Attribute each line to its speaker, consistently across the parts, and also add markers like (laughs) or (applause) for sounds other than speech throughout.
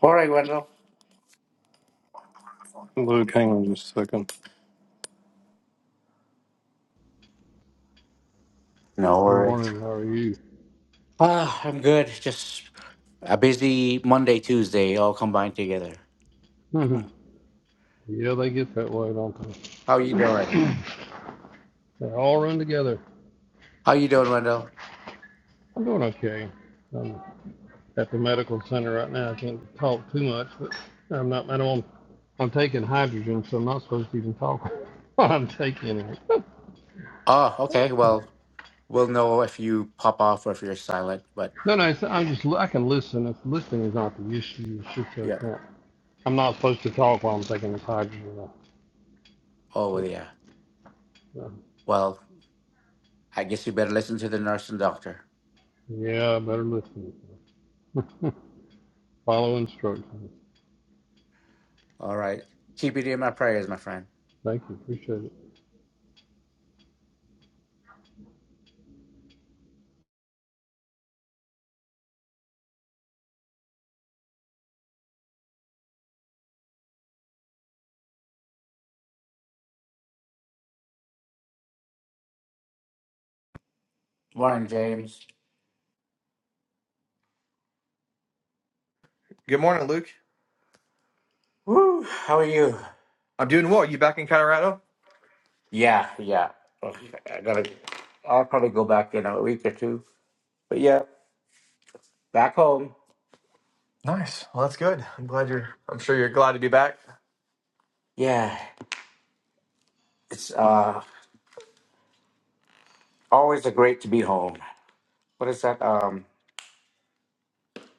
Speaker 1: All right, Wendell.
Speaker 2: Luke, hang on just a second.
Speaker 1: No worries.
Speaker 2: Morning, how are you?
Speaker 1: Ah, I'm good. Just a busy Monday, Tuesday, all combined together.
Speaker 2: (laughs) yeah, they get that way, don't they?
Speaker 1: How you doing?
Speaker 2: They all run together.
Speaker 1: How you doing, Wendell?
Speaker 2: I'm doing okay. I'm at the medical center right now. I can't talk too much, but I'm not, I don't, I'm taking hydrogen, so I'm not supposed to even talk (laughs) while I'm taking it. (laughs)
Speaker 1: Oh, okay. Well, we'll know if you pop off or if you're silent. But
Speaker 2: No, no, it's, I'm just, I can listen. If listening is not the issue, it's just that I
Speaker 1: yeah.
Speaker 2: can't. I'm not supposed to talk while I'm taking this hydrogen.
Speaker 1: Oh,
Speaker 2: But,
Speaker 1: well, yeah.
Speaker 2: uh,
Speaker 1: Well, I guess you better listen to the nurse and doctor.
Speaker 2: yeah, I better listen. (laughs) Follow instructions.
Speaker 1: All right. Keep it in my prayers, my friend.
Speaker 2: Thank you. Appreciate it.
Speaker 1: Morning, James.
Speaker 3: Good morning, Luke.
Speaker 1: Woo. How are you?
Speaker 3: I'm doing well. You back in Colorado?
Speaker 1: Yeah, yeah. Okay, I gotta. I'll probably go back in a week or two. But yeah, back home.
Speaker 3: Nice. Well, that's good. I'm glad you're. (laughs) I'm sure you're glad to be back. (laughs)
Speaker 1: Yeah. It's uh, always a great to be home. What is that? Um,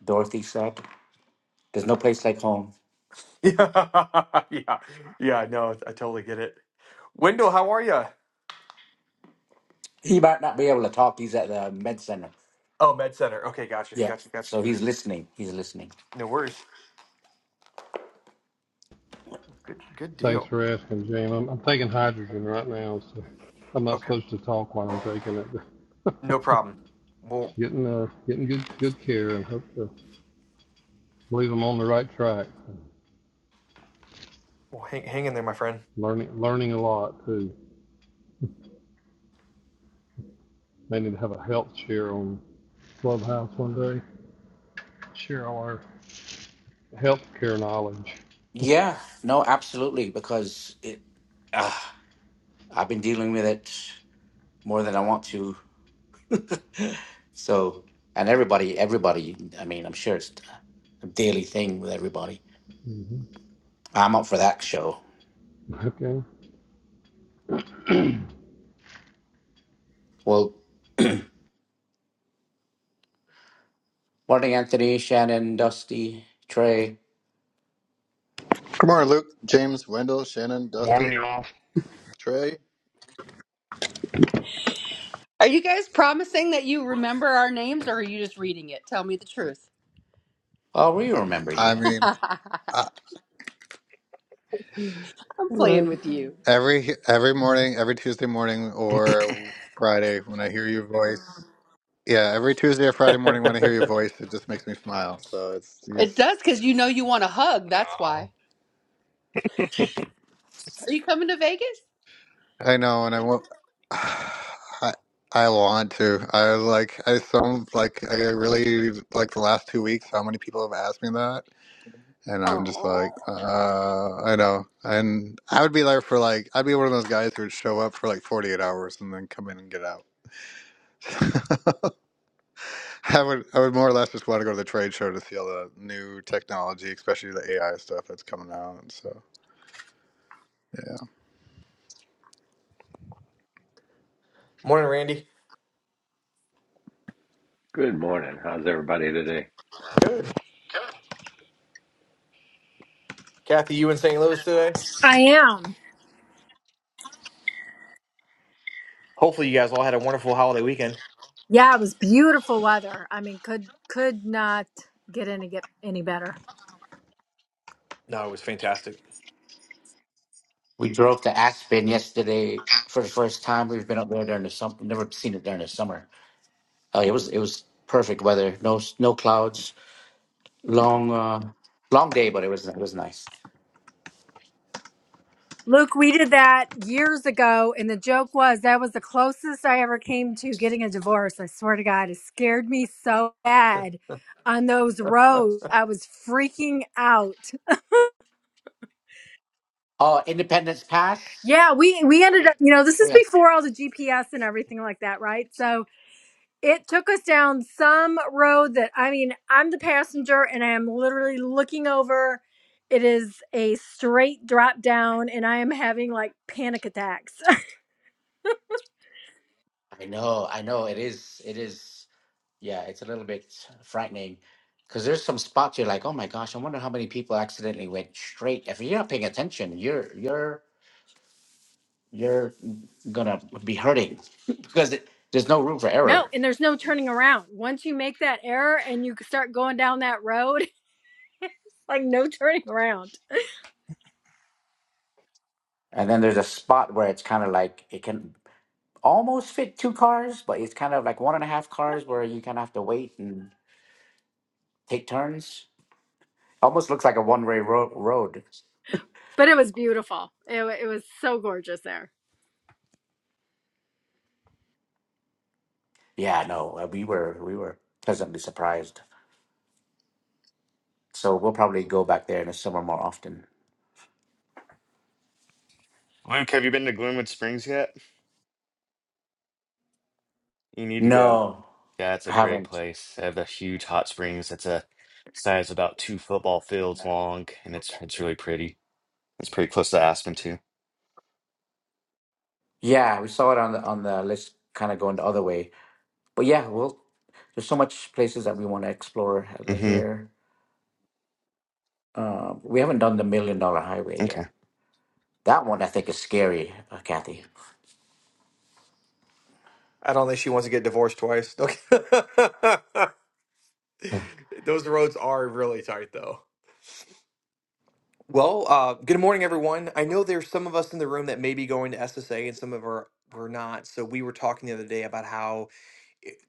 Speaker 1: Dorothy said, "There's no place like home."
Speaker 3: Yeah, yeah, yeah. No, I totally get it. Wendell, how are you?
Speaker 1: He might not be able to talk. He's at the med center.
Speaker 3: Oh, Med Center. Okay, gotcha,
Speaker 1: Yeah,
Speaker 3: gotcha, gotcha.
Speaker 1: so he's listening. He's listening.
Speaker 3: No worries. Good, good
Speaker 2: Thanks
Speaker 3: deal.
Speaker 2: for asking, Jim. I'm, I'm taking hydrogen right now, so I'm not
Speaker 3: Okay,
Speaker 2: supposed to talk while I'm taking it.
Speaker 3: no problem. We'll,
Speaker 2: (laughs) getting uh, getting good good care, and hope to believe I'm on the right track.
Speaker 3: we'll hang, hang in there, my friend.
Speaker 2: Learning learning a lot too. May need to have a health share on Clubhouse one day. Share all our healthcare knowledge.
Speaker 1: Yeah, no, absolutely, because it. Uh, I've been dealing with it more than I want to. So, and everybody, everybody. I mean, I'm sure it's a daily thing with everybody.
Speaker 2: hmm
Speaker 1: I'm up for that show.
Speaker 2: Okay.
Speaker 1: Well, morning, Anthony, Shannon, Dusty, Trey.
Speaker 4: Good morning, Luke, James, Wendell, Shannon,
Speaker 5: Morning,
Speaker 4: Dusty,
Speaker 5: y'all.
Speaker 4: Trey.
Speaker 6: Are you guys promising that you remember our names or are you just reading it? Tell me the truth.
Speaker 1: Oh, we
Speaker 4: I
Speaker 1: remember you.
Speaker 4: I
Speaker 6: (laughs)
Speaker 4: mean,
Speaker 6: I'm
Speaker 4: I,
Speaker 5: Right.
Speaker 6: playing with you.
Speaker 4: every every morning, every Tuesday morning or Friday when I hear your voice. Yeah, every Tuesday or Friday morning when I hear your voice, it just makes me smile. So it's
Speaker 6: It
Speaker 4: it's.
Speaker 6: does because you know you want a hug. That's
Speaker 5: Oh.
Speaker 6: why. Are you coming to Vegas?
Speaker 4: I know, and I won't. (sighs) I I want to. I like. I some like. I really like the last two weeks. How many people have asked me that? And I'm just
Speaker 6: Oh,
Speaker 4: like, uh, I know. And I would be there for like, I'd be one of those guys who would show up for like 48 hours and then come in and get out. (laughs) I would, I would more or less just want to go to the trade show to see all the new technology, especially the AI stuff that's coming out. So, yeah.
Speaker 3: Morning, Randy.
Speaker 7: Good morning. How's everybody today?
Speaker 3: Good. Kathy, you in St. Louis today?
Speaker 8: I am.
Speaker 3: Hopefully, you guys all had a wonderful holiday weekend.
Speaker 8: Yeah, it was beautiful weather. I mean, could could not get any get any better.
Speaker 3: No, it was fantastic.
Speaker 1: We drove to Aspen yesterday for the first time. We've been up there during the summer. Never seen it during the summer. Uh, it was it was perfect weather. No s- no clouds. Long uh, long day, but it was it was nice.
Speaker 8: Luke, we did that years ago, and the joke was that was the closest I ever came to getting a divorce. I swear to God, it scared me so bad on those
Speaker 3: (laughs)
Speaker 8: roads. I was freaking out.
Speaker 1: Oh, Independence Pass.
Speaker 8: Yeah, we we ended up, you know, this
Speaker 1: Oh,
Speaker 8: is
Speaker 1: yeah,
Speaker 8: before all the GPS and everything like that, right? So it took us down some road that I mean, I'm the passenger and I am literally looking over. It is a straight drop down and I am having like panic attacks.
Speaker 1: I know, I know. It is it is. Yeah, it's a little bit frightening because there's some spots you're like, oh my gosh, I wonder how many people accidentally went straight. If you're not paying attention, you're you're you're gonna be hurting (laughs) because it, there's no room for
Speaker 8: (laughs) no,
Speaker 1: error
Speaker 8: and there's no turning around. Once you make that error and you start going down that road, (laughs) like no turning around.
Speaker 1: And then there's a spot where it's kind of like it can almost fit two cars, but it's kind of like one and a half cars where you kind of have to wait and take turns. Almost looks like a one-way ro- road.
Speaker 8: But it was beautiful. It, wa- it was so gorgeous there.
Speaker 1: Yeah, no, uh, we were we were pleasantly surprised. So we'll probably go back there in the summer more often.
Speaker 5: Luke, have you been to Gloomwood Springs yet? You need to go.
Speaker 1: No,
Speaker 5: Yeah, great.
Speaker 1: haven't.
Speaker 5: They have a huge hot springs that's a size about two football fields long, and it's it's really pretty. It's pretty close to Aspen too.
Speaker 1: Yeah, we saw it on the on the list, kind of going the other way. But yeah, well, There's so much places that we want to explore uh,
Speaker 5: Mm-hmm.
Speaker 1: here. Uh, we haven't done the Million Dollar Highway yet.
Speaker 5: Okay.
Speaker 1: That one I think is scary, uh, Kathy.
Speaker 3: I don't think she wants to get divorced twice. Okay. (laughs) Those roads are really tight, though. Well, uh, good morning, everyone. I know there's some of us in the room that may be going to SSA and some of our we're not. So we were talking the other day about how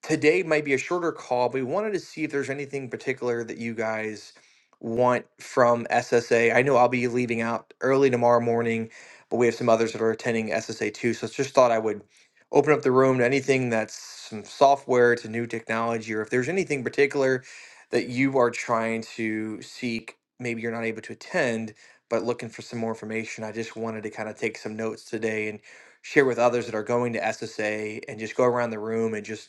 Speaker 3: today might be a shorter call, but we wanted to see if there's anything particular that you guys want from SSA. I know I'll be leaving out early tomorrow morning, but we have some others that are attending SSA too. So just thought I would open up the room to anything that's some software to new technology, or if there's anything particular that you are trying to seek, maybe you're not able to attend, but looking for some more information. I just wanted to kind of take some notes today and share with others that are going to SSA and just go around the room and just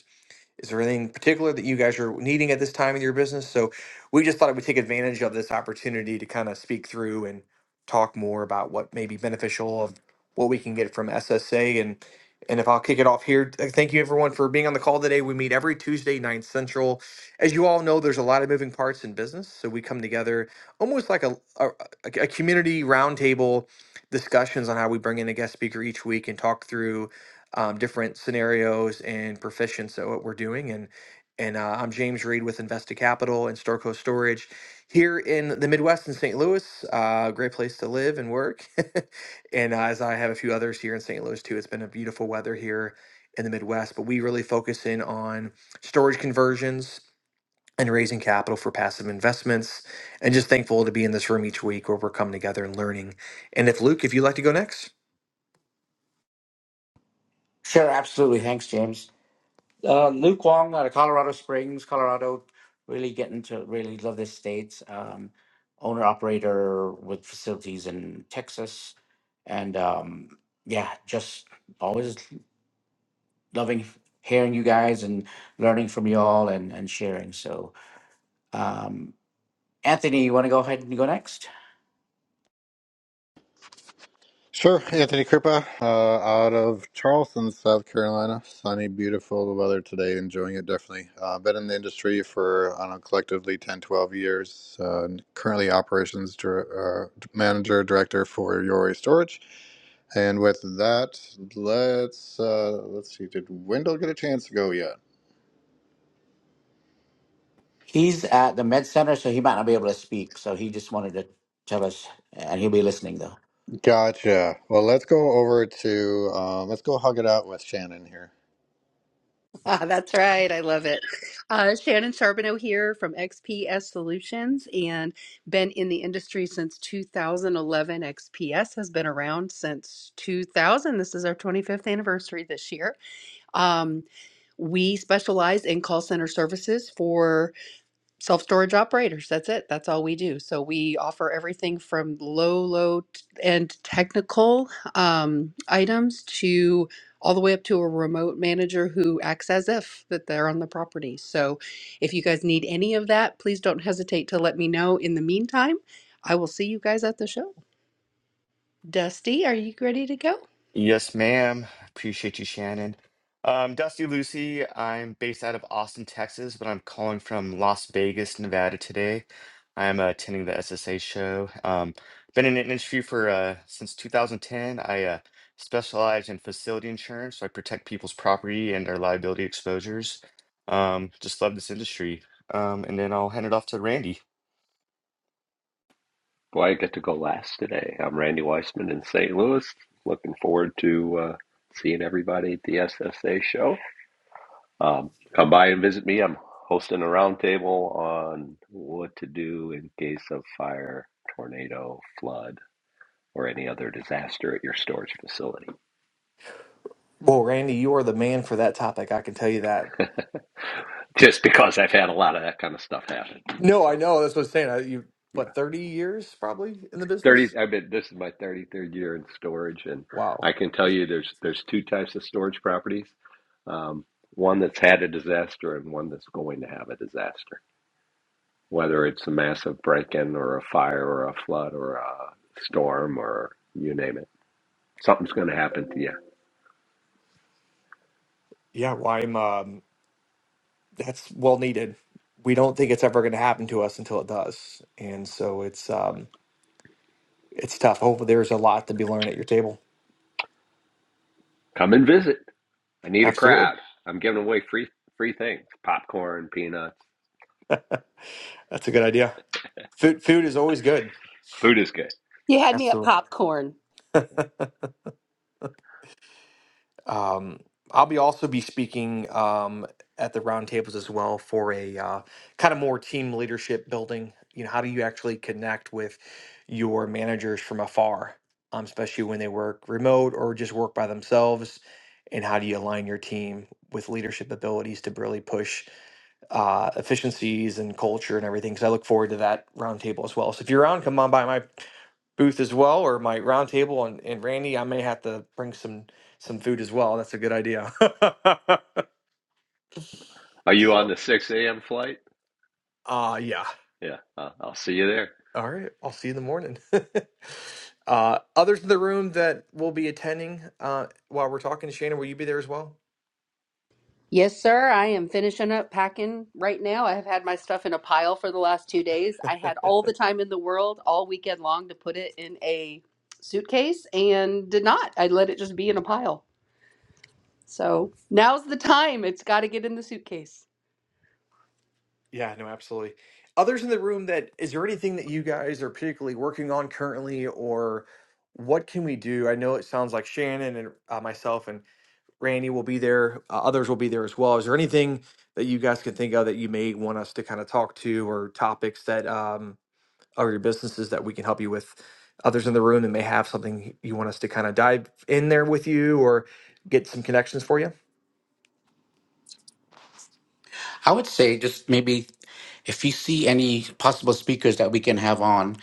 Speaker 3: is there anything particular that you guys are needing at this time in your business? So we just thought we'd take advantage of this opportunity to kind of speak through and talk more about what may be beneficial of what we can get from SSA. And and if I'll kick it off here, th- thank you everyone for being on the call today. We meet every Tuesday, 9 Central. As you all know, there's a lot of moving parts in business. So we come together almost like a, a a community roundtable discussions on how we bring in a guest speaker each week and talk through um, different scenarios and proficiency. at what we're doing. And and uh, I'm James Reed with Investa Capital and Storco Storage here in the Midwest in St. Louis. Uh, great place to live and work. (laughs) and uh, as I have a few others here in St. Louis too, it's been a beautiful weather here in the Midwest. But we really focus in on storage conversions and raising capital for passive investments. And just thankful to be in this room each week where we're coming together and learning. And if Luke, if you'd like to go next.
Speaker 1: Sure, absolutely. Thanks, James. Uh, Luke Wong out of Colorado Springs, Colorado, really getting to really love this state. Um, owner operator with facilities in Texas, and um, yeah, just always loving hearing you guys and learning from you all and and sharing. So, um, Anthony, you want to go ahead and go next?
Speaker 4: Sure, Anthony Krupa, uh, out of Charleston, South Carolina. Sunny, beautiful the weather today, enjoying it definitely. Uh, been in the industry for, I don't know, collectively 10, 12 years. Uh, and currently operations dir- uh, manager, director for Yori Storage. And with that, let's, uh, let's see, did Wendell get a chance to go yet?
Speaker 1: He's at the Med Center, so he might not be able to speak. So he just wanted to tell us, and he'll be listening though.
Speaker 4: Gotcha. Well, let's go over to, uh, let's go hug it out with Shannon here.
Speaker 6: ah, that's right. I love it. Uh, Shannon Charbonneau here from XPS Solutions and been in the industry since 2011. XPS has been around since 2000. This is our 25th anniversary this year. Um, we specialize in call center services for self storage operators. That's it. That's all we do. So we offer everything from low, low t- and technical um, items to all the way up to a remote manager who acts as if that they're on the property. So if you guys need any of that, please don't hesitate to let me know. In the meantime, I will see you guys at the show. Dusty, are you ready to go?
Speaker 5: Yes, ma'am. Appreciate you, Shannon. Um, Dusty Lucy, I'm based out of Austin, Texas, but I'm calling from Las Vegas, Nevada today. I'm uh, attending the SSA show. Um, been in the industry for uh, since 2010. I uh, specialize in facility insurance, so I protect people's property and their liability exposures. Um, just love this industry. Um, and then I'll hand it off to Randy.
Speaker 7: Boy, I get to go last today. I'm Randy Weissman in St. Louis. Looking forward to uh, seeing everybody at the SSA show. Um, come by and visit me. I'm hosting a roundtable on what to do in case of fire, tornado, flood, or any other disaster at your storage facility.
Speaker 3: Well, Randy, you are the man for that topic. I can tell you that
Speaker 7: Just because I've had a lot of that kind of stuff happen.
Speaker 3: No, I
Speaker 7: So.
Speaker 3: know. That's what I'm saying. I, you, what, 30 years probably in the
Speaker 7: 30
Speaker 3: business?
Speaker 7: I've been this is my 33rd year in storage and I
Speaker 3: Wow.
Speaker 7: can tell you there's there's two types of storage properties. Um, one that's had a disaster and one that's going to have a disaster. Whether it's a massive break-in or a fire or a flood or a storm or you name it. Something's going to happen to you.
Speaker 3: Yeah, well, I'm, um, that's well needed. We don't think it's ever going to happen to us until it does. And so it's, um, it's tough. Hopefully there's a lot to be learned at your table.
Speaker 7: Come and visit. I need a
Speaker 3: Absolutely.
Speaker 7: crowd. I'm giving away free free things. Popcorn, peanuts.
Speaker 3: (laughs) That's a good idea. Food, food is always good.
Speaker 7: Food is good.
Speaker 6: You had me at
Speaker 3: Absolutely.
Speaker 6: popcorn.
Speaker 3: (laughs) Um, I'll be also be speaking um, at the roundtables as well for a uh, kind of more team leadership building. You know, how do you actually connect with your managers from afar, um, especially when they work remote or just work by themselves? And how do you align your team with leadership abilities to really push uh, efficiencies and culture and everything? So I look forward to that roundtable as well. So if you're around, come on by my booth as well, or my round table. And, and Randy, I may have to bring some some food as well. That's a good idea.
Speaker 7: Are
Speaker 3: (laughs)
Speaker 7: you on
Speaker 3: so,
Speaker 7: the 6 a.m. flight?
Speaker 3: uh, yeah.
Speaker 7: Yeah, i I'll see you there.
Speaker 3: All right. I'll see you in the morning. (laughs) uh, others in the room that will be attending uh, while we're talking, Shannon, will you be there as well?
Speaker 6: Yes, sir. I am finishing up packing right now. I have had my stuff in a pile for the last two days. I had all the time in the world all weekend long to put it in a suitcase and did not. I let it just be in a pile. So now's the time. It's got to get in the suitcase.
Speaker 3: Yeah, no, absolutely. Others in the room that is there anything that you guys are particularly working on currently, or what can we do? I know it sounds like Shannon and uh, myself and Randy will be there. Uh, others will be there as well. Is there anything that you guys can think of that you may want us to kind of talk to or topics that um, or your businesses that we can help you with? Others in the room that may have something you want us to kind of dive in there with you or get some connections for you.
Speaker 1: I would say just maybe if you see any possible speakers that we can have on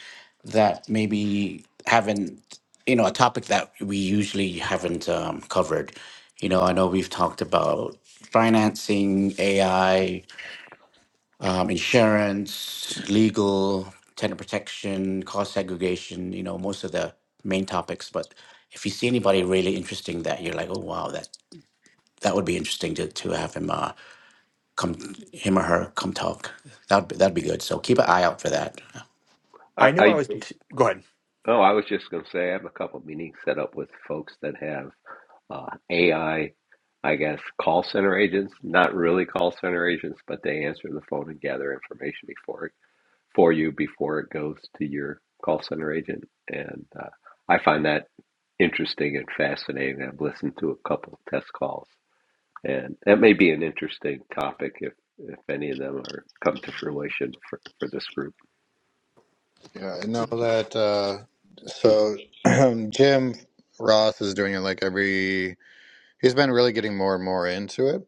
Speaker 1: that maybe haven't, you know, a topic that we usually haven't um, covered. You know, I know we've talked about financing, AI, um, insurance, legal, tenant protection, cost segregation, you know, most of the main topics. But if you see anybody really interesting that you're like, oh, wow, that, that would be interesting to, to have him. Uh, come him or her come talk. That'd be, that'd be good. So keep an eye out for that.
Speaker 7: I,
Speaker 3: I know
Speaker 7: I
Speaker 3: I was. Go ahead,
Speaker 7: Oh, I was just going to say I have a couple of meetings set up with folks that have uh, AI, I I guess, call center agents. Not really call center agents, but they answer the phone and gather information before it for you before it goes to your call center agent. And uh, I find that interesting and fascinating. I've listened to a couple of test calls, and that may be an interesting topic if if any of them are come to fruition for, for this group.
Speaker 4: Yeah, I know that. Uh, so (clears throat) Jim Ross is doing it like every. He's been really getting more and more into it.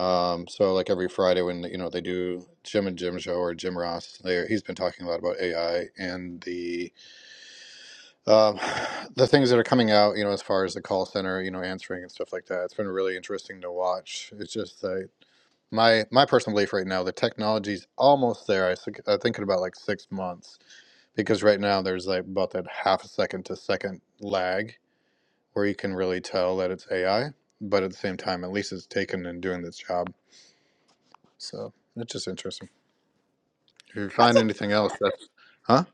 Speaker 4: Um, so like every Friday when you know they do Jim and Jim show or Jim Ross, there he's been talking a lot about AI and the um, (sighs) the things that are coming out. You know, as far as the call center, you know, answering and stuff like that. It's been really interesting to watch. It's just that. My my personal belief right now, the technology's almost there. I, think- I think in about like six months. because right now there's like about that half a second to second lag where you can really tell that it's AI, but at the same time, at least it's taken and doing this job. So it's just interesting. If you
Speaker 6: That's
Speaker 4: find
Speaker 6: a,
Speaker 4: anything else, that's huh?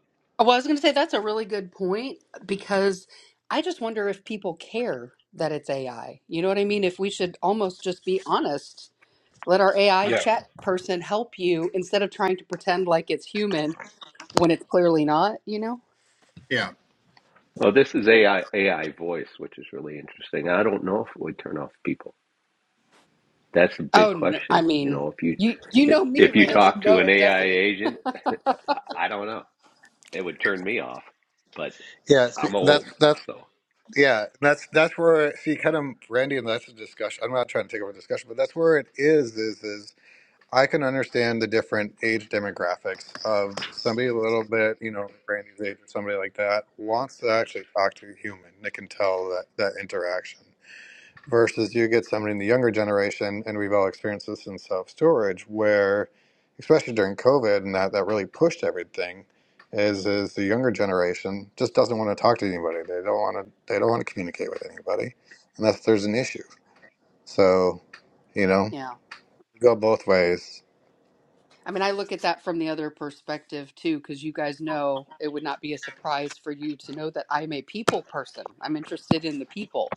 Speaker 6: well, I was going to say that's a really good point because I just wonder if people care that it's AI. You know what I mean? If we should almost just be honest, let our AI
Speaker 4: Yeah,
Speaker 6: chat person help you instead of trying to pretend like it's human when it's clearly not, you know?
Speaker 4: yeah,
Speaker 7: Well, this is AI AI voice, which is really interesting. I don't know if it would turn off people. That's a big
Speaker 6: Oh, n I I
Speaker 7: question. You
Speaker 6: mean,
Speaker 7: know, if you
Speaker 6: you you
Speaker 7: if
Speaker 6: know me,
Speaker 7: if you
Speaker 6: Randy.
Speaker 7: talk to
Speaker 6: No,
Speaker 7: an
Speaker 6: it
Speaker 7: AI
Speaker 6: doesn't. (laughs)
Speaker 7: agent, I I don't know. It would turn me off, but
Speaker 4: yeah. See,
Speaker 7: I'm
Speaker 4: that's
Speaker 7: old,
Speaker 4: that's
Speaker 7: so.
Speaker 4: yeah. That's that's where see, kind of Randy, and that's a discussion. I'm not trying to take over the discussion, but that's where it is. Is is I can understand the different age demographics of somebody a little bit, you know, Brandy's age or somebody like that wants to actually talk to a human. They can tell that that interaction. Versus you get somebody in the younger generation, and we've all experienced this in self storage, where especially during COVID and that that really pushed everything, is is the younger generation just doesn't want to talk to anybody. They don't want to. They don't want to communicate with anybody unless there's an issue. So, you know,
Speaker 6: Yeah.
Speaker 4: go both ways.
Speaker 6: I mean, I look at that from the other perspective too, because you guys know it would not be a surprise for you to know that I'm a people person. I'm interested in the people.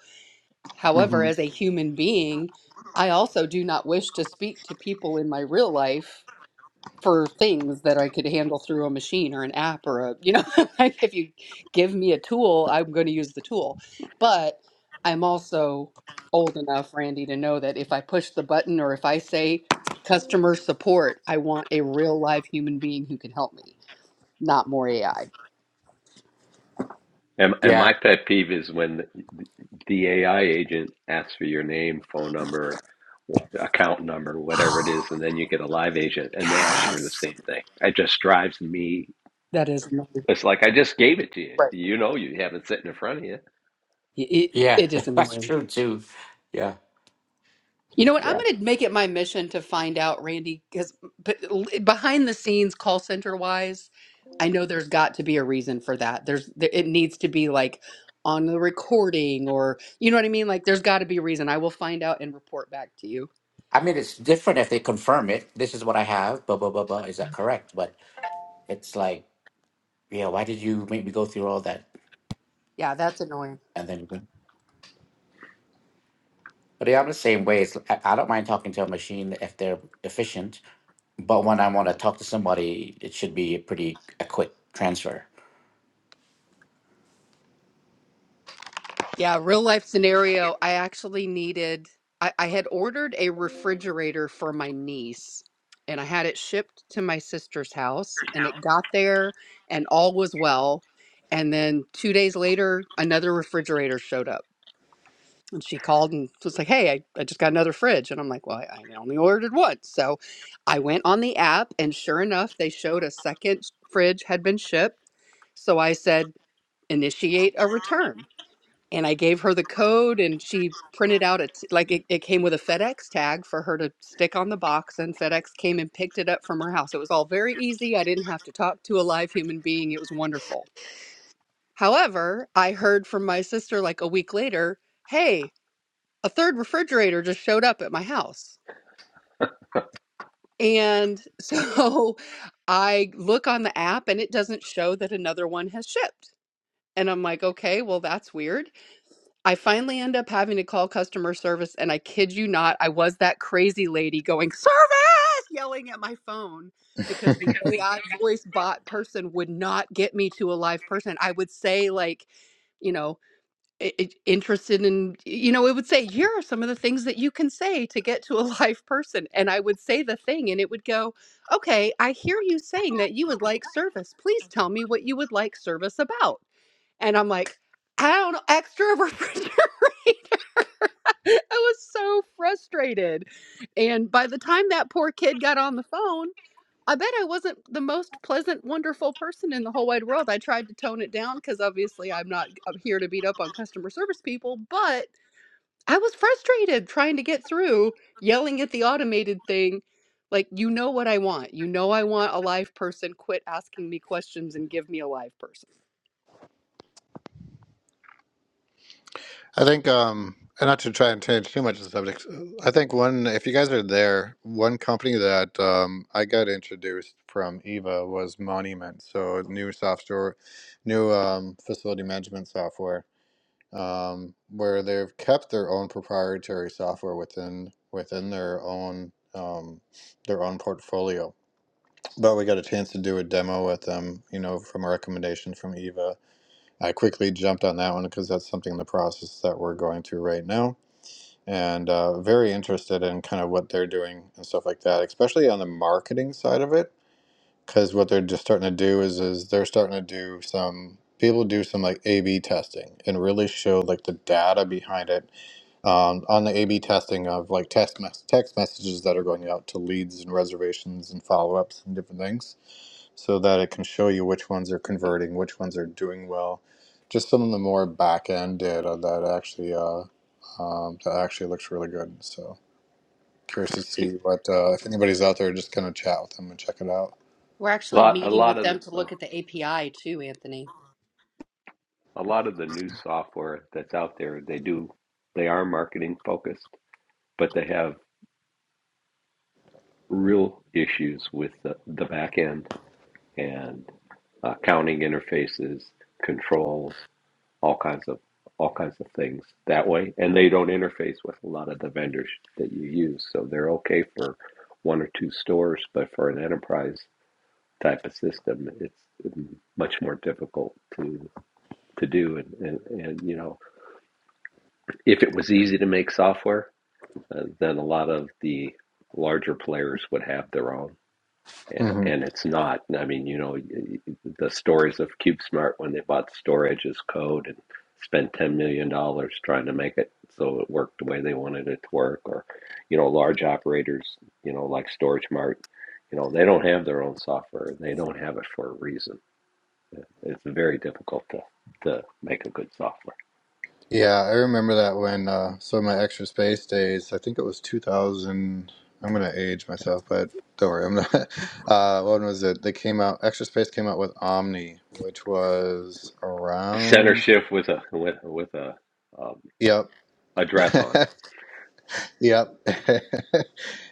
Speaker 6: However,
Speaker 4: hmm
Speaker 6: as a human being, I also do not wish to speak to people in my real life for things that I could handle through a machine or an app or a, you know, (laughs) like if you give me a tool, I'm going to use the tool. But I'm also old enough, Randy, to know that if I push the button or if I say customer support, I want a real live human being who can help me, not more AI.
Speaker 7: And and
Speaker 1: Yeah,
Speaker 7: my pet peeve is when the AI agent asks for your name, phone number, w- account number,
Speaker 6: (sighs)
Speaker 7: whatever it is, and then you get a live agent and they ask you for the
Speaker 6: yes.
Speaker 7: same thing. It just drives me.
Speaker 6: That is annoying.
Speaker 7: It's like I just gave it to you.
Speaker 6: Right.
Speaker 7: You know, you have it sitting in front of you.
Speaker 6: It, it
Speaker 1: yeah,
Speaker 6: it
Speaker 1: (laughs)
Speaker 6: is
Speaker 1: that's
Speaker 6: annoying.
Speaker 1: true too. Yeah,
Speaker 6: You know what? I'm
Speaker 1: yeah.
Speaker 6: going to make it my mission to find out, Randy, because behind the scenes, call center wise, I know there's got to be a reason for that. There's there, it needs to be like on the recording, or you know what I mean. Like there's got to be a reason. I will find out and report back to you.
Speaker 1: I mean, it's different if they confirm it. This is what I have. Blah blah blah blah. Is that correct? But it's like, yeah. Why did you make me go through all that?
Speaker 6: Yeah, that's annoying.
Speaker 1: And then, but yeah, I'm the same way. It's, I, I don't mind talking to a machine if they're efficient. But when I want to talk to somebody, it should be a pretty a quick transfer.
Speaker 6: Yeah, real life scenario. I actually needed, I, I had ordered a refrigerator for my niece and I had it shipped to my sister's house and it got there and all was well. And then two days later, another refrigerator showed up and she called and was like, Hey, I, I just got another fridge. And I'm like, Well, I, I only ordered one. So I went on the app and sure enough, they showed a second fridge had been shipped. So I said, Initiate a return and I gave her the code, and she printed out it like it, it came with a FedEx tag for her to stick on the box, and FedEx came and picked it up from her house. It was all very easy. I didn't have to talk to a live human being. It was wonderful. However, I heard from my sister like a week later, hey, a third refrigerator just showed up at my house. And so (laughs) I look on the app and it doesn't show that another one has shipped. And I'm like, okay, well, that's weird. I finally end up having to call customer service, and I kid you not, I was that crazy lady going, service, yelling at my phone because the
Speaker 4: I
Speaker 6: AI (laughs) voice bot person would not get me to a live person. I would say, like, you know, i i- interested in, you know, it would say, here are some of the things that you can say to get to a (laughs) live person. And I would say the thing, and it would go, okay, I hear you saying that you would like service. Please tell me what you would like service about. And I'm like, I don't know, extra refrigerator. (laughs) (laughs) I was so frustrated. And by the time that poor kid got on the phone, I bet I wasn't the most pleasant, wonderful person in the whole wide world. I tried to tone it down because obviously I'm not I'm here to beat up on customer service people, but I was frustrated trying to get through yelling at the automated thing. Like, you know what I want. You know I want a live person. Quit asking me questions and give me a live person.
Speaker 4: think, um, and not to try and change too much of the subject, I think one, if you guys are there, one company that um, I got introduced from Eva was Monument. So new software, new um, facility management software, um, where they've kept their own proprietary software within within their own um, their own portfolio. But we got a chance to do a demo with them, you know, from a recommendation from Eva I quickly jumped on that one because that's something in the process that we're going through right now. And uh, very interested in kind of what they're doing and stuff like that, especially on the marketing side of it. Because what they're just starting to do is, is they're starting to do some people do some like A/B testing and really show like the data behind it um, on the A/B testing of like text mes- text messages that are going out to leads and reservations and follow ups and different things so that it can show you which ones are converting, which ones are doing well. Just some of the more back end data that actually uh, um, that actually looks really good. So curious to see what uh, if anybody's out there, just kind of chat with them and check it out.
Speaker 6: We're actually
Speaker 7: lot a
Speaker 6: meeting
Speaker 7: lot
Speaker 6: with
Speaker 7: of the,
Speaker 6: them to
Speaker 7: uh,
Speaker 6: look at the API too, Anthony.
Speaker 7: a lot of the new software that's out there they do they are marketing focused but they have real issues with the, the back end and uh, counting interfaces controls all kinds of all kinds of things that way and they don't interface with a lot of the vendors that you use so they're okay for one or two stores but for an enterprise type of system it's much more difficult to to do and, and, and you know If it was easy to make software, uh, then a lot of the larger players would have their own. And,
Speaker 4: hmm
Speaker 7: it's not. I mean, you know, the stories of CubeSmart when they bought storage as code and spent $10 million dollars trying to make it so it worked the way they wanted it to work, or, you know, large operators, you know, like StorageMart, you know, they don't have their own software. They don't have it for a reason. Uh, It's very difficult to, to make a good software.
Speaker 4: Yeah, I remember that when uh, so my extra space days. I think it was 2000. I'm gonna age myself, but don't worry. I'm not. (laughs) Uh, when was it? They came out. Extra space came out with Omni, which was
Speaker 7: Center
Speaker 4: around.
Speaker 7: shift with a with with a, a
Speaker 4: Yep.
Speaker 7: a dress on.
Speaker 4: (laughs) Yep. (laughs)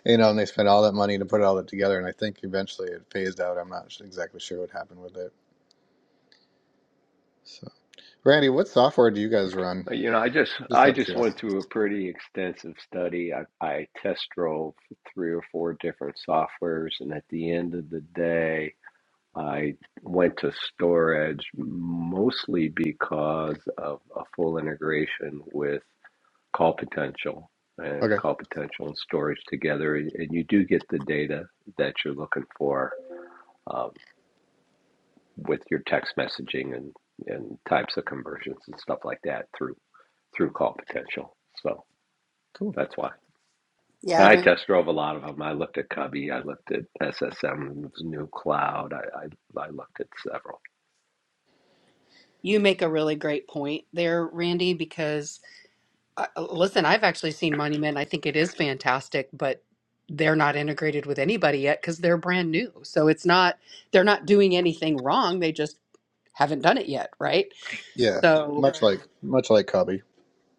Speaker 4: You know, and they spent all that money to put all that together, and I think eventually it phased out. I'm not exactly sure what happened with it. So, Randy, what software do you guys run?
Speaker 7: Uh, You know, I just
Speaker 4: Just
Speaker 7: I
Speaker 4: out of
Speaker 7: just
Speaker 4: curiosity.
Speaker 7: went through a pretty extensive study. I, I test drove three or four different softwares, and at the end of the day, I went to storage mostly because of a full integration with call potential and
Speaker 4: Okay,
Speaker 7: call potential and storage together, and and you do get the data that you're looking for um, with your text messaging and and types of conversions and stuff like that through. through call potential. So
Speaker 4: cool.
Speaker 7: that's why.
Speaker 6: Yeah,
Speaker 7: And
Speaker 6: I
Speaker 7: I
Speaker 6: ran
Speaker 7: test drove a lot of them. I looked at Cubby, I looked at SSM's new cloud, I, I, I looked at several.
Speaker 6: You make a really great point there, Randy, because uh, uh, listen, I've actually seen Monument. I think it is fantastic, but they're not integrated with anybody yet because they're brand new. So it's not, they're not doing anything wrong. They just haven't done it yet, right?
Speaker 4: Yeah,
Speaker 6: So.
Speaker 4: much like much like Cubby.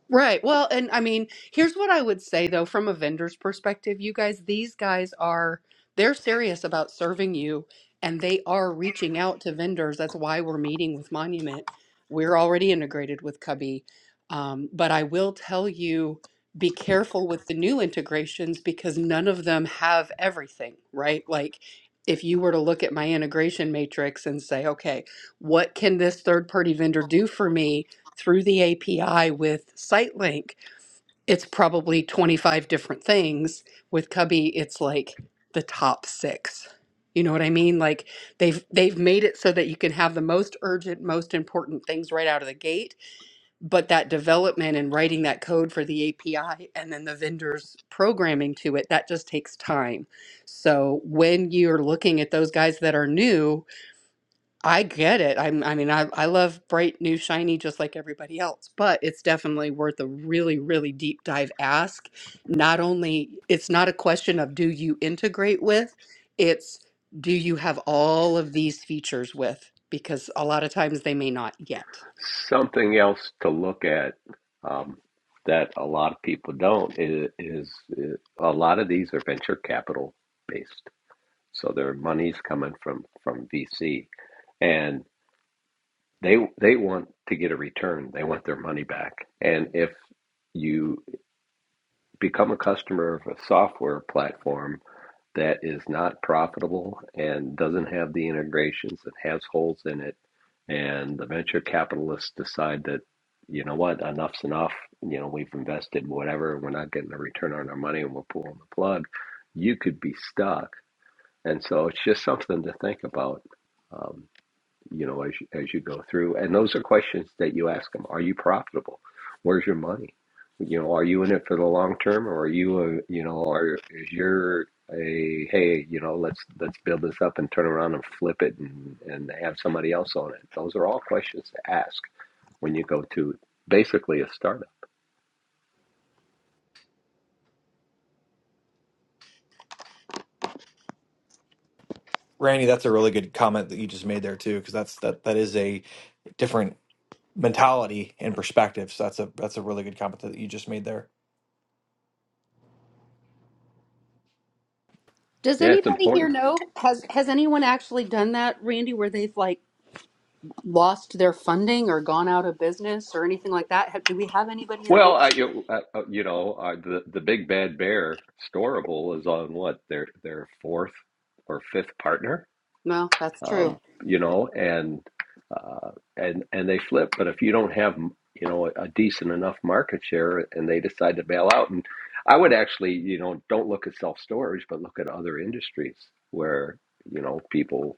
Speaker 6: Right. Well, and I mean, here's what I would say though, from a vendor's perspective, you guys, these guys are they're serious about serving you and they are reaching out to vendors. That's why we're meeting with Monument. We're already integrated with Cubby. Um, but I will tell you, be careful with the new integrations because none of them have everything, right? Like if you were to look at my integration matrix and say, okay, what can this third party vendor do for me? through the API with SiteLink, it's probably 25 different things. With Cubby, it's like the top six. You know what I mean? Like they've they've made it so that you can have the most urgent, most important things right out of the gate, but that development and writing that code for the API and then the vendors programming to it, that just takes time. So when you're looking at those guys that are new, I get it. I'm, I mean, I, I love bright, new, shiny, just like everybody else, but it's definitely worth a really, really deep dive ask. Not only, it's not a question of do you integrate with, it's do you have all of these features with? Because a lot of times they may not yet.
Speaker 7: Something else to look at um, that a lot of people don't is, is, is a lot of these are venture capital based. So their money's coming from, from VC and they they want to get a return. They want their money back. And if you become a customer of a software platform that is not profitable and doesn't have the integrations and has holes in it and the venture capitalists decide that you know what enough's enough you know we've invested whatever we're not getting a return on our money and we're pulling the plug you could be stuck and so it's just something to think about Um, you know, as you, as you go through. And those are questions that you ask them. Are you profitable? Where's your money? You know, are you in it for the long term, or are you a, you know, are is your a hey, you know, let's let's build this up and turn around and flip it and and have somebody else own it. Those are all questions to ask when you go to basically a startup.
Speaker 3: Randy. That's a really good comment that you just made there too, because that's that that is a different mentality and perspective. So that's a that's a really good comment that you just made there.
Speaker 6: Does
Speaker 7: Yeah, it's
Speaker 6: anybody here
Speaker 7: important.
Speaker 6: know? Has has anyone actually done that, Randy, where they've like lost their funding or gone out of business or anything like that? Have, do we have anybody in the
Speaker 7: Well, I,
Speaker 6: industry?
Speaker 7: you, uh, uh, you know, uh, the the big bad bear storable is on what their their fourth or fifth partner
Speaker 6: No, that's
Speaker 7: um,
Speaker 6: true.
Speaker 7: you know, and uh, and and they flip. But if you don't have, you know, a decent enough market share, and they decide to bail out, and I would actually, you know, don't look at self storage, but look at other industries where you know people,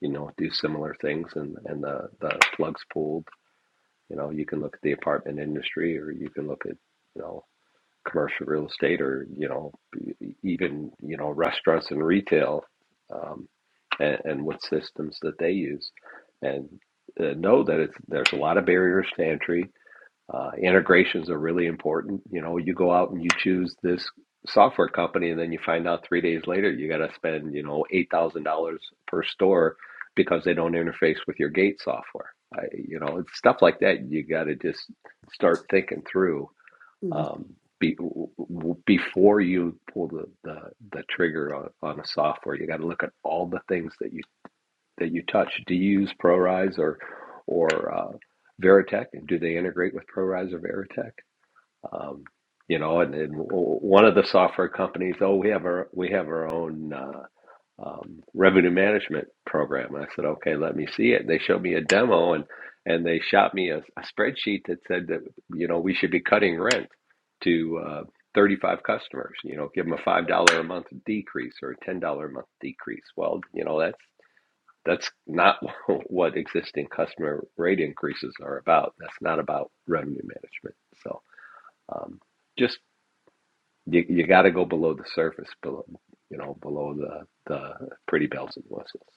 Speaker 7: you know, do similar things, and and the the plugs pulled. You know, you can look at the apartment industry, or you can look at, you know commercial real estate or you know e- even you know restaurants and retail um, and, and what systems that they use and uh, know that it's there's a lot of barriers to entry uh, integrations are really important you know you go out and you choose this software company and then you find out three days later you got to spend you know eight thousand dollars per store because they don't interface with your gate software I, you know it's stuff like that you got to just start thinking through
Speaker 6: Mhm.
Speaker 7: um, be, w- w- before you pull the, the, the trigger on, on a software, you got to look at all the things that you that you touch. Do you use ProRise or or uh, Veritech, and do they integrate with ProRise or Veritech? Um, you know, and, and w- one of the software companies, oh, we have our we have our own. Uh, um, revenue management program. And I said, okay, let me see it. And they showed me a demo and, and they shot me a, a spreadsheet that said that, you know, we should be cutting rent to uh, 35 customers, you know, give them a $5 a month decrease or a $10 a month decrease. Well, you know, that's, that's not (laughs) what existing customer rate increases are about. That's not about revenue management. So um, just, you, you got to go below the surface, below, you know, below the, the pretty bells and whistles.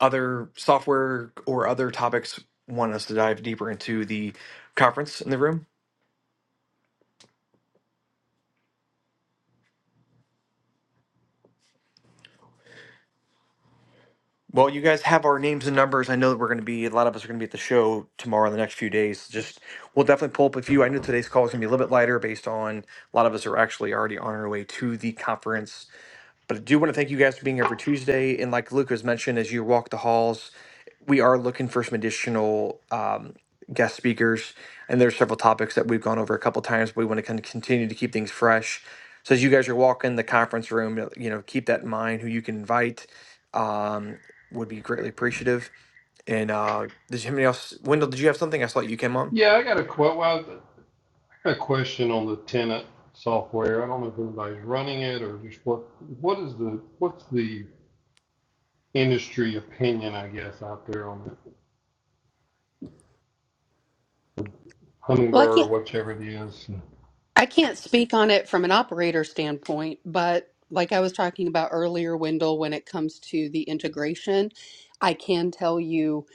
Speaker 3: other software or other topics want us to dive deeper into the conference in the room? Well, you guys have our names and numbers. I know that we're going to be, a lot of us are going to be at the show tomorrow, the next few days. Just, we'll definitely pull up a few. I know today's call is going to be a little bit lighter based on a lot of us are actually already on our way to the conference But I do want to thank you guys for being here every Tuesday. And like Luke has mentioned, as you walk the halls, we are looking for some additional um, guest speakers. And there's several topics that we've gone over a couple times, but we want to kind of continue to keep things fresh. So as you guys are walking the conference room, uh, you know, keep that in mind who you can invite. Um, would be greatly appreciative. And uh, did you have anything else? Wendell, did you have something? I saw you came on.
Speaker 2: Yeah, I got a quote. well, I got a question on the tenant software. I don't know if anybody's running it or just what what is the what's the industry opinion, I guess, out there on it.
Speaker 6: Well, I
Speaker 2: Hummingbird
Speaker 6: can't
Speaker 2: or whichever it is.
Speaker 6: I can't speak on it from an operator standpoint, but like I was talking about earlier, Wendell, when it comes to the integration, I can tell you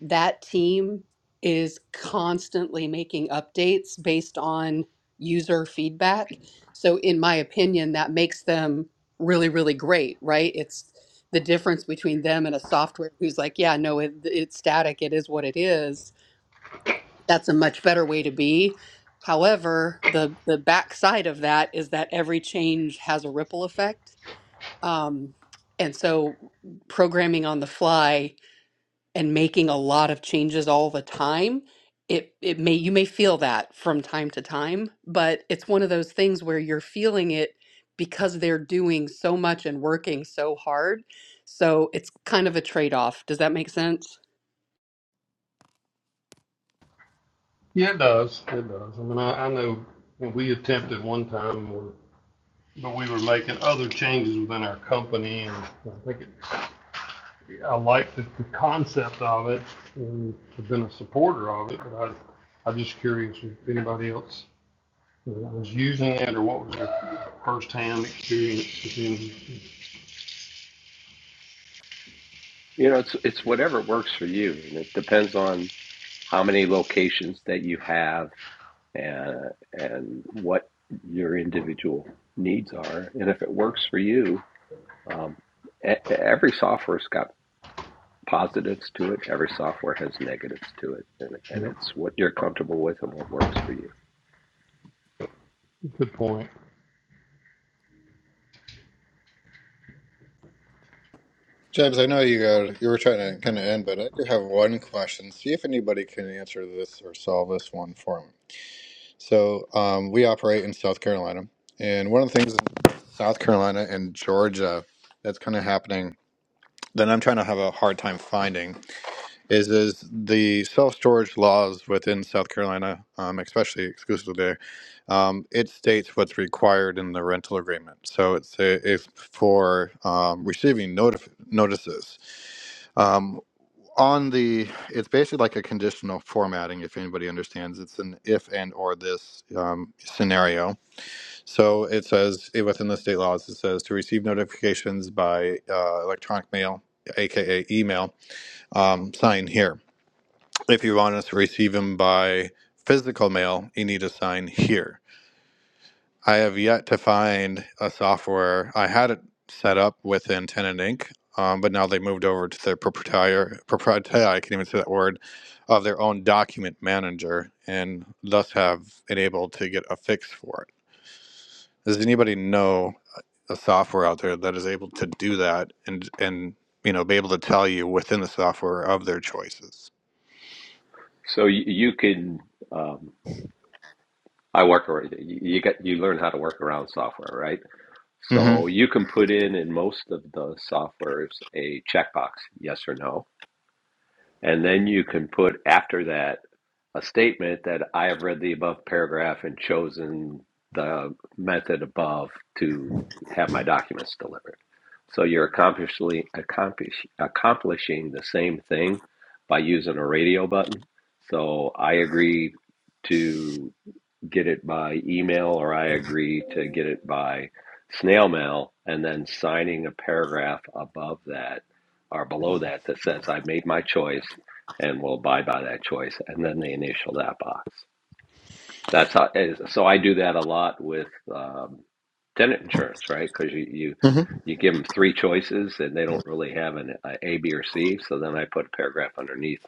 Speaker 6: that team is constantly making updates based on user feedback. So, in my opinion, that makes them really, really great, right? It's the difference between them and a software who's like, yeah, no, it, it's static, it is what it is that's a much better way to be. However, the the backside of that is that every change has a ripple effect. Um, and so programming on the fly and making a lot of changes all the time, it it may you may feel that from time to time, but it's one of those things where you're feeling it because they're doing so much and working so hard. So it's kind of a trade-off. Does that make sense?
Speaker 2: Yeah, it does. It does. I mean, I, I know we attempted one time, or- but we were making other changes within our company, and I think it, I liked the, the concept of it and have been a supporter of it. But I, I'm just curious if anybody else was using it or what was their first-hand experience with it.
Speaker 7: You know, it's it's whatever works for you, and it depends on how many locations that you have and and what your individual needs are. And if it works for you, um, e- every software's got positives to it. Every software has negatives to it, and and
Speaker 2: Yep.
Speaker 7: it's what you're comfortable with and what works for you.
Speaker 2: Good point.
Speaker 4: James, I know you got you were trying to kind of end, but I do have one question. See if anybody can answer this or solve this one for me. So, um, we operate in South Carolina, and one of the things in South Carolina and Georgia that's kind of happening that I'm trying to have a hard time finding is is the self-storage laws within South Carolina, um, especially exclusively there, um, it states what's required in the rental agreement. So it's a, if for um, receiving notif- notices um, on the it's basically like a conditional formatting if anybody understands it's an if and or this um, scenario so it says eh, within the state laws it says to receive notifications by uh, electronic mail aka email um, sign here if you want us to receive them by physical mail, you need to sign here. I have yet to find a software. I had it set up within Tenant Inc., um, but now they moved over to their proprietary, proprietary, I can't even say that word, of their own document manager and thus have it able to get a fix for it. Does anybody know a software out there that is able to do that and, and, you know, be able to tell you within the software of their choices?
Speaker 7: So you, you can. Um, I work around. You you get you learn how to work around software, right?
Speaker 4: Mm-hmm.
Speaker 7: So you can put in in most of the softwares a checkbox, yes or no. And then you can put after that a statement that I have read the above paragraph and chosen the method above to have my documents delivered. So you're accomplishing, accomplish, accomplishing the same thing by using a radio button. So I agree to get it by email or I agree to get it by snail mail, and then signing a paragraph above that or below that that says I've made my choice and will abide by that choice, and then they initial that box. That's how. So I do that a lot with um, tenant insurance, right? Because you, you
Speaker 4: Mm-hmm.
Speaker 7: you give them three choices and they don't really have an a, a, B, or C. So then I put a paragraph underneath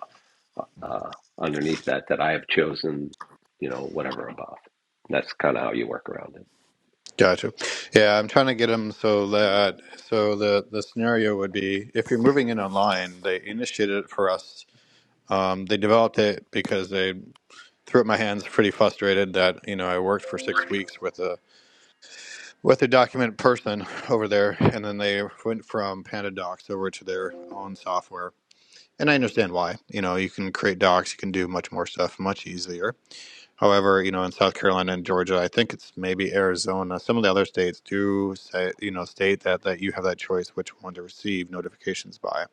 Speaker 7: uh, underneath that that I have chosen, you know, whatever above. That's kind of how you work around it.
Speaker 4: Gotcha. Yeah, I'm trying to get them so that so the the scenario would be if you're moving in online, they initiated it for us. Um, they developed it because they threw up my hands, pretty frustrated that you know I worked for six weeks with a with a document person (laughs) over there, and then they went from Panda Docs over to their own software. And I understand why. You know, you can create docs, you can do much more stuff much easier However, you know, in South Carolina and Georgia, I think it's maybe Arizona. Some of the other states do say, you know, state that that you have that choice which one to receive notifications by.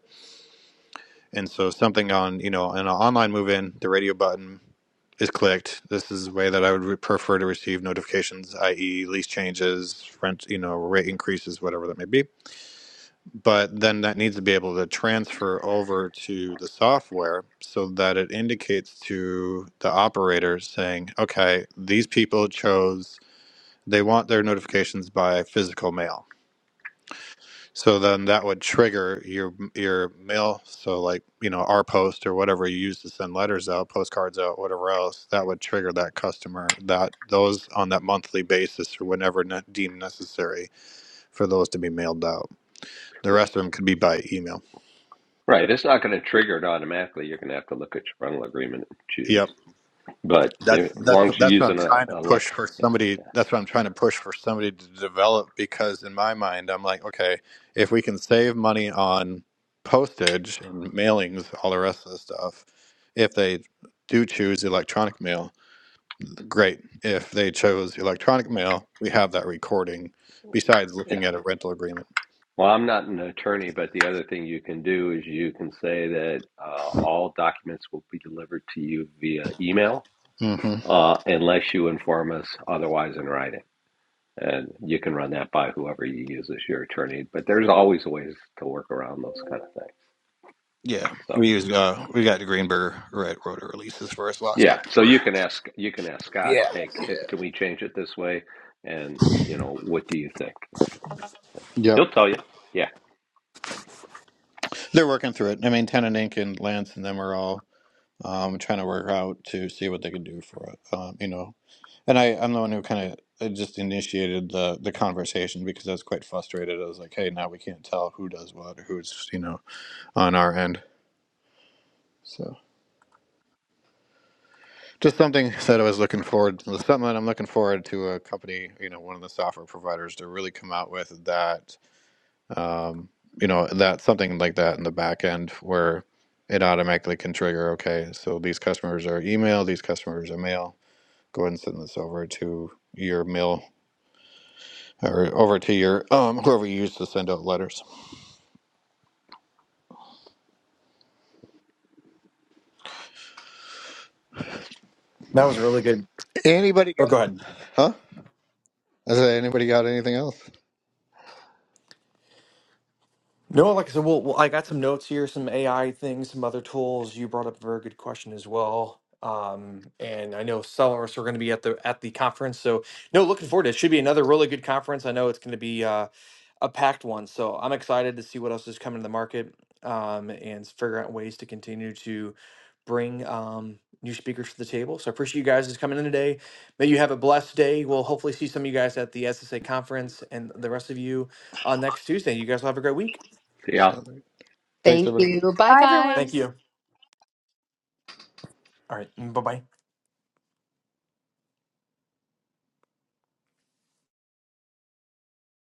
Speaker 4: And so something on, you know, in an online move-in, the radio button is clicked. This is the way that I would re- prefer to receive notifications, i.e., lease changes, rent, you know, rate increases, whatever that may be but then that needs to be able to transfer over to the software so that it indicates to the operator saying, okay, these people chose, they want their notifications by physical mail. So then that would trigger your your mail. So like you know our post or whatever you use to send letters out, postcards out, whatever else, that would trigger that customer that those on that monthly basis or whenever ne- deemed necessary for those to be mailed out. The rest of them could be by email.
Speaker 7: Right. It's not going to trigger it automatically. You're going to have to look at your rental agreement and
Speaker 4: Yep.
Speaker 7: choose. But
Speaker 4: That's
Speaker 7: if, as
Speaker 4: that's
Speaker 7: long as you're
Speaker 4: that's what I'm
Speaker 7: using a,
Speaker 4: trying to
Speaker 7: a
Speaker 4: push
Speaker 7: electric,
Speaker 4: for
Speaker 7: yeah,
Speaker 4: somebody. That's what I'm trying to push for somebody to develop because in my mind, I'm like, okay, if we can save money on postage and mailings, all the rest of the stuff, if they do choose electronic mail, great. If they chose electronic mail, we have that recording. Besides looking
Speaker 7: yeah.
Speaker 4: at a rental agreement.
Speaker 7: Well, I'm not an attorney, but the other thing you can do is you can say that uh, all documents will be delivered to you via email
Speaker 4: hmm
Speaker 7: uh, unless you inform us otherwise in writing. and you can run that by whoever you use as your attorney. But there's always ways to work around those kind of things.
Speaker 4: Yeah,
Speaker 7: So
Speaker 4: we use uh, we got the Greenberg Red Rotor releases for us last
Speaker 7: yeah, so
Speaker 4: October.
Speaker 7: you can ask you can ask Scott,
Speaker 4: Yeah.
Speaker 7: hey, can we change it this way? And you know, what do you think?
Speaker 4: Yep.
Speaker 7: He'll tell you. Yeah,
Speaker 4: They're working through it. I mean, Tenon Inc. and Lance and them are all um, trying to work out to see what they can do for it. Um, you know, and I, I'm the one who kind of just initiated the the conversation because I was quite frustrated. I was like, hey, now we can't tell who does what or who's you know on our end. So just something (laughs) that I was looking forward something that I'm looking forward to a company, you know, one of the software providers to really come out with that um, you know that something like that in the back end where it automatically can trigger okay so these customers are email these customers are mail go ahead and send this over to your mail or over to your um whoever you use to send out letters
Speaker 3: That was a really good.
Speaker 4: Anybody
Speaker 3: Oh,
Speaker 4: got?
Speaker 3: go ahead.
Speaker 4: huh i said anybody got anything else
Speaker 3: No, like I said, well, well, I got some notes here, some AI things, some other tools. You brought up a very good question as well. Um, and I know some of us are going to be at the at the conference, so no, looking forward to it. Should be another really good conference. I know it's going to be uh, a packed one, so I'm excited to see what else is coming to the market um, and figure out ways to continue to bring um, new speakers to the table. So I appreciate you guys just coming in today. May you have a blessed day. We'll hopefully see some of you guys at the SSA conference, and the rest of you on next Tuesday. You guys will have a great week.
Speaker 7: see how
Speaker 4: so thanks
Speaker 6: Thank
Speaker 4: everybody
Speaker 6: you. Bye
Speaker 8: Bye, everyone.
Speaker 3: Thank
Speaker 6: guys.
Speaker 3: you. All right. Bye bye.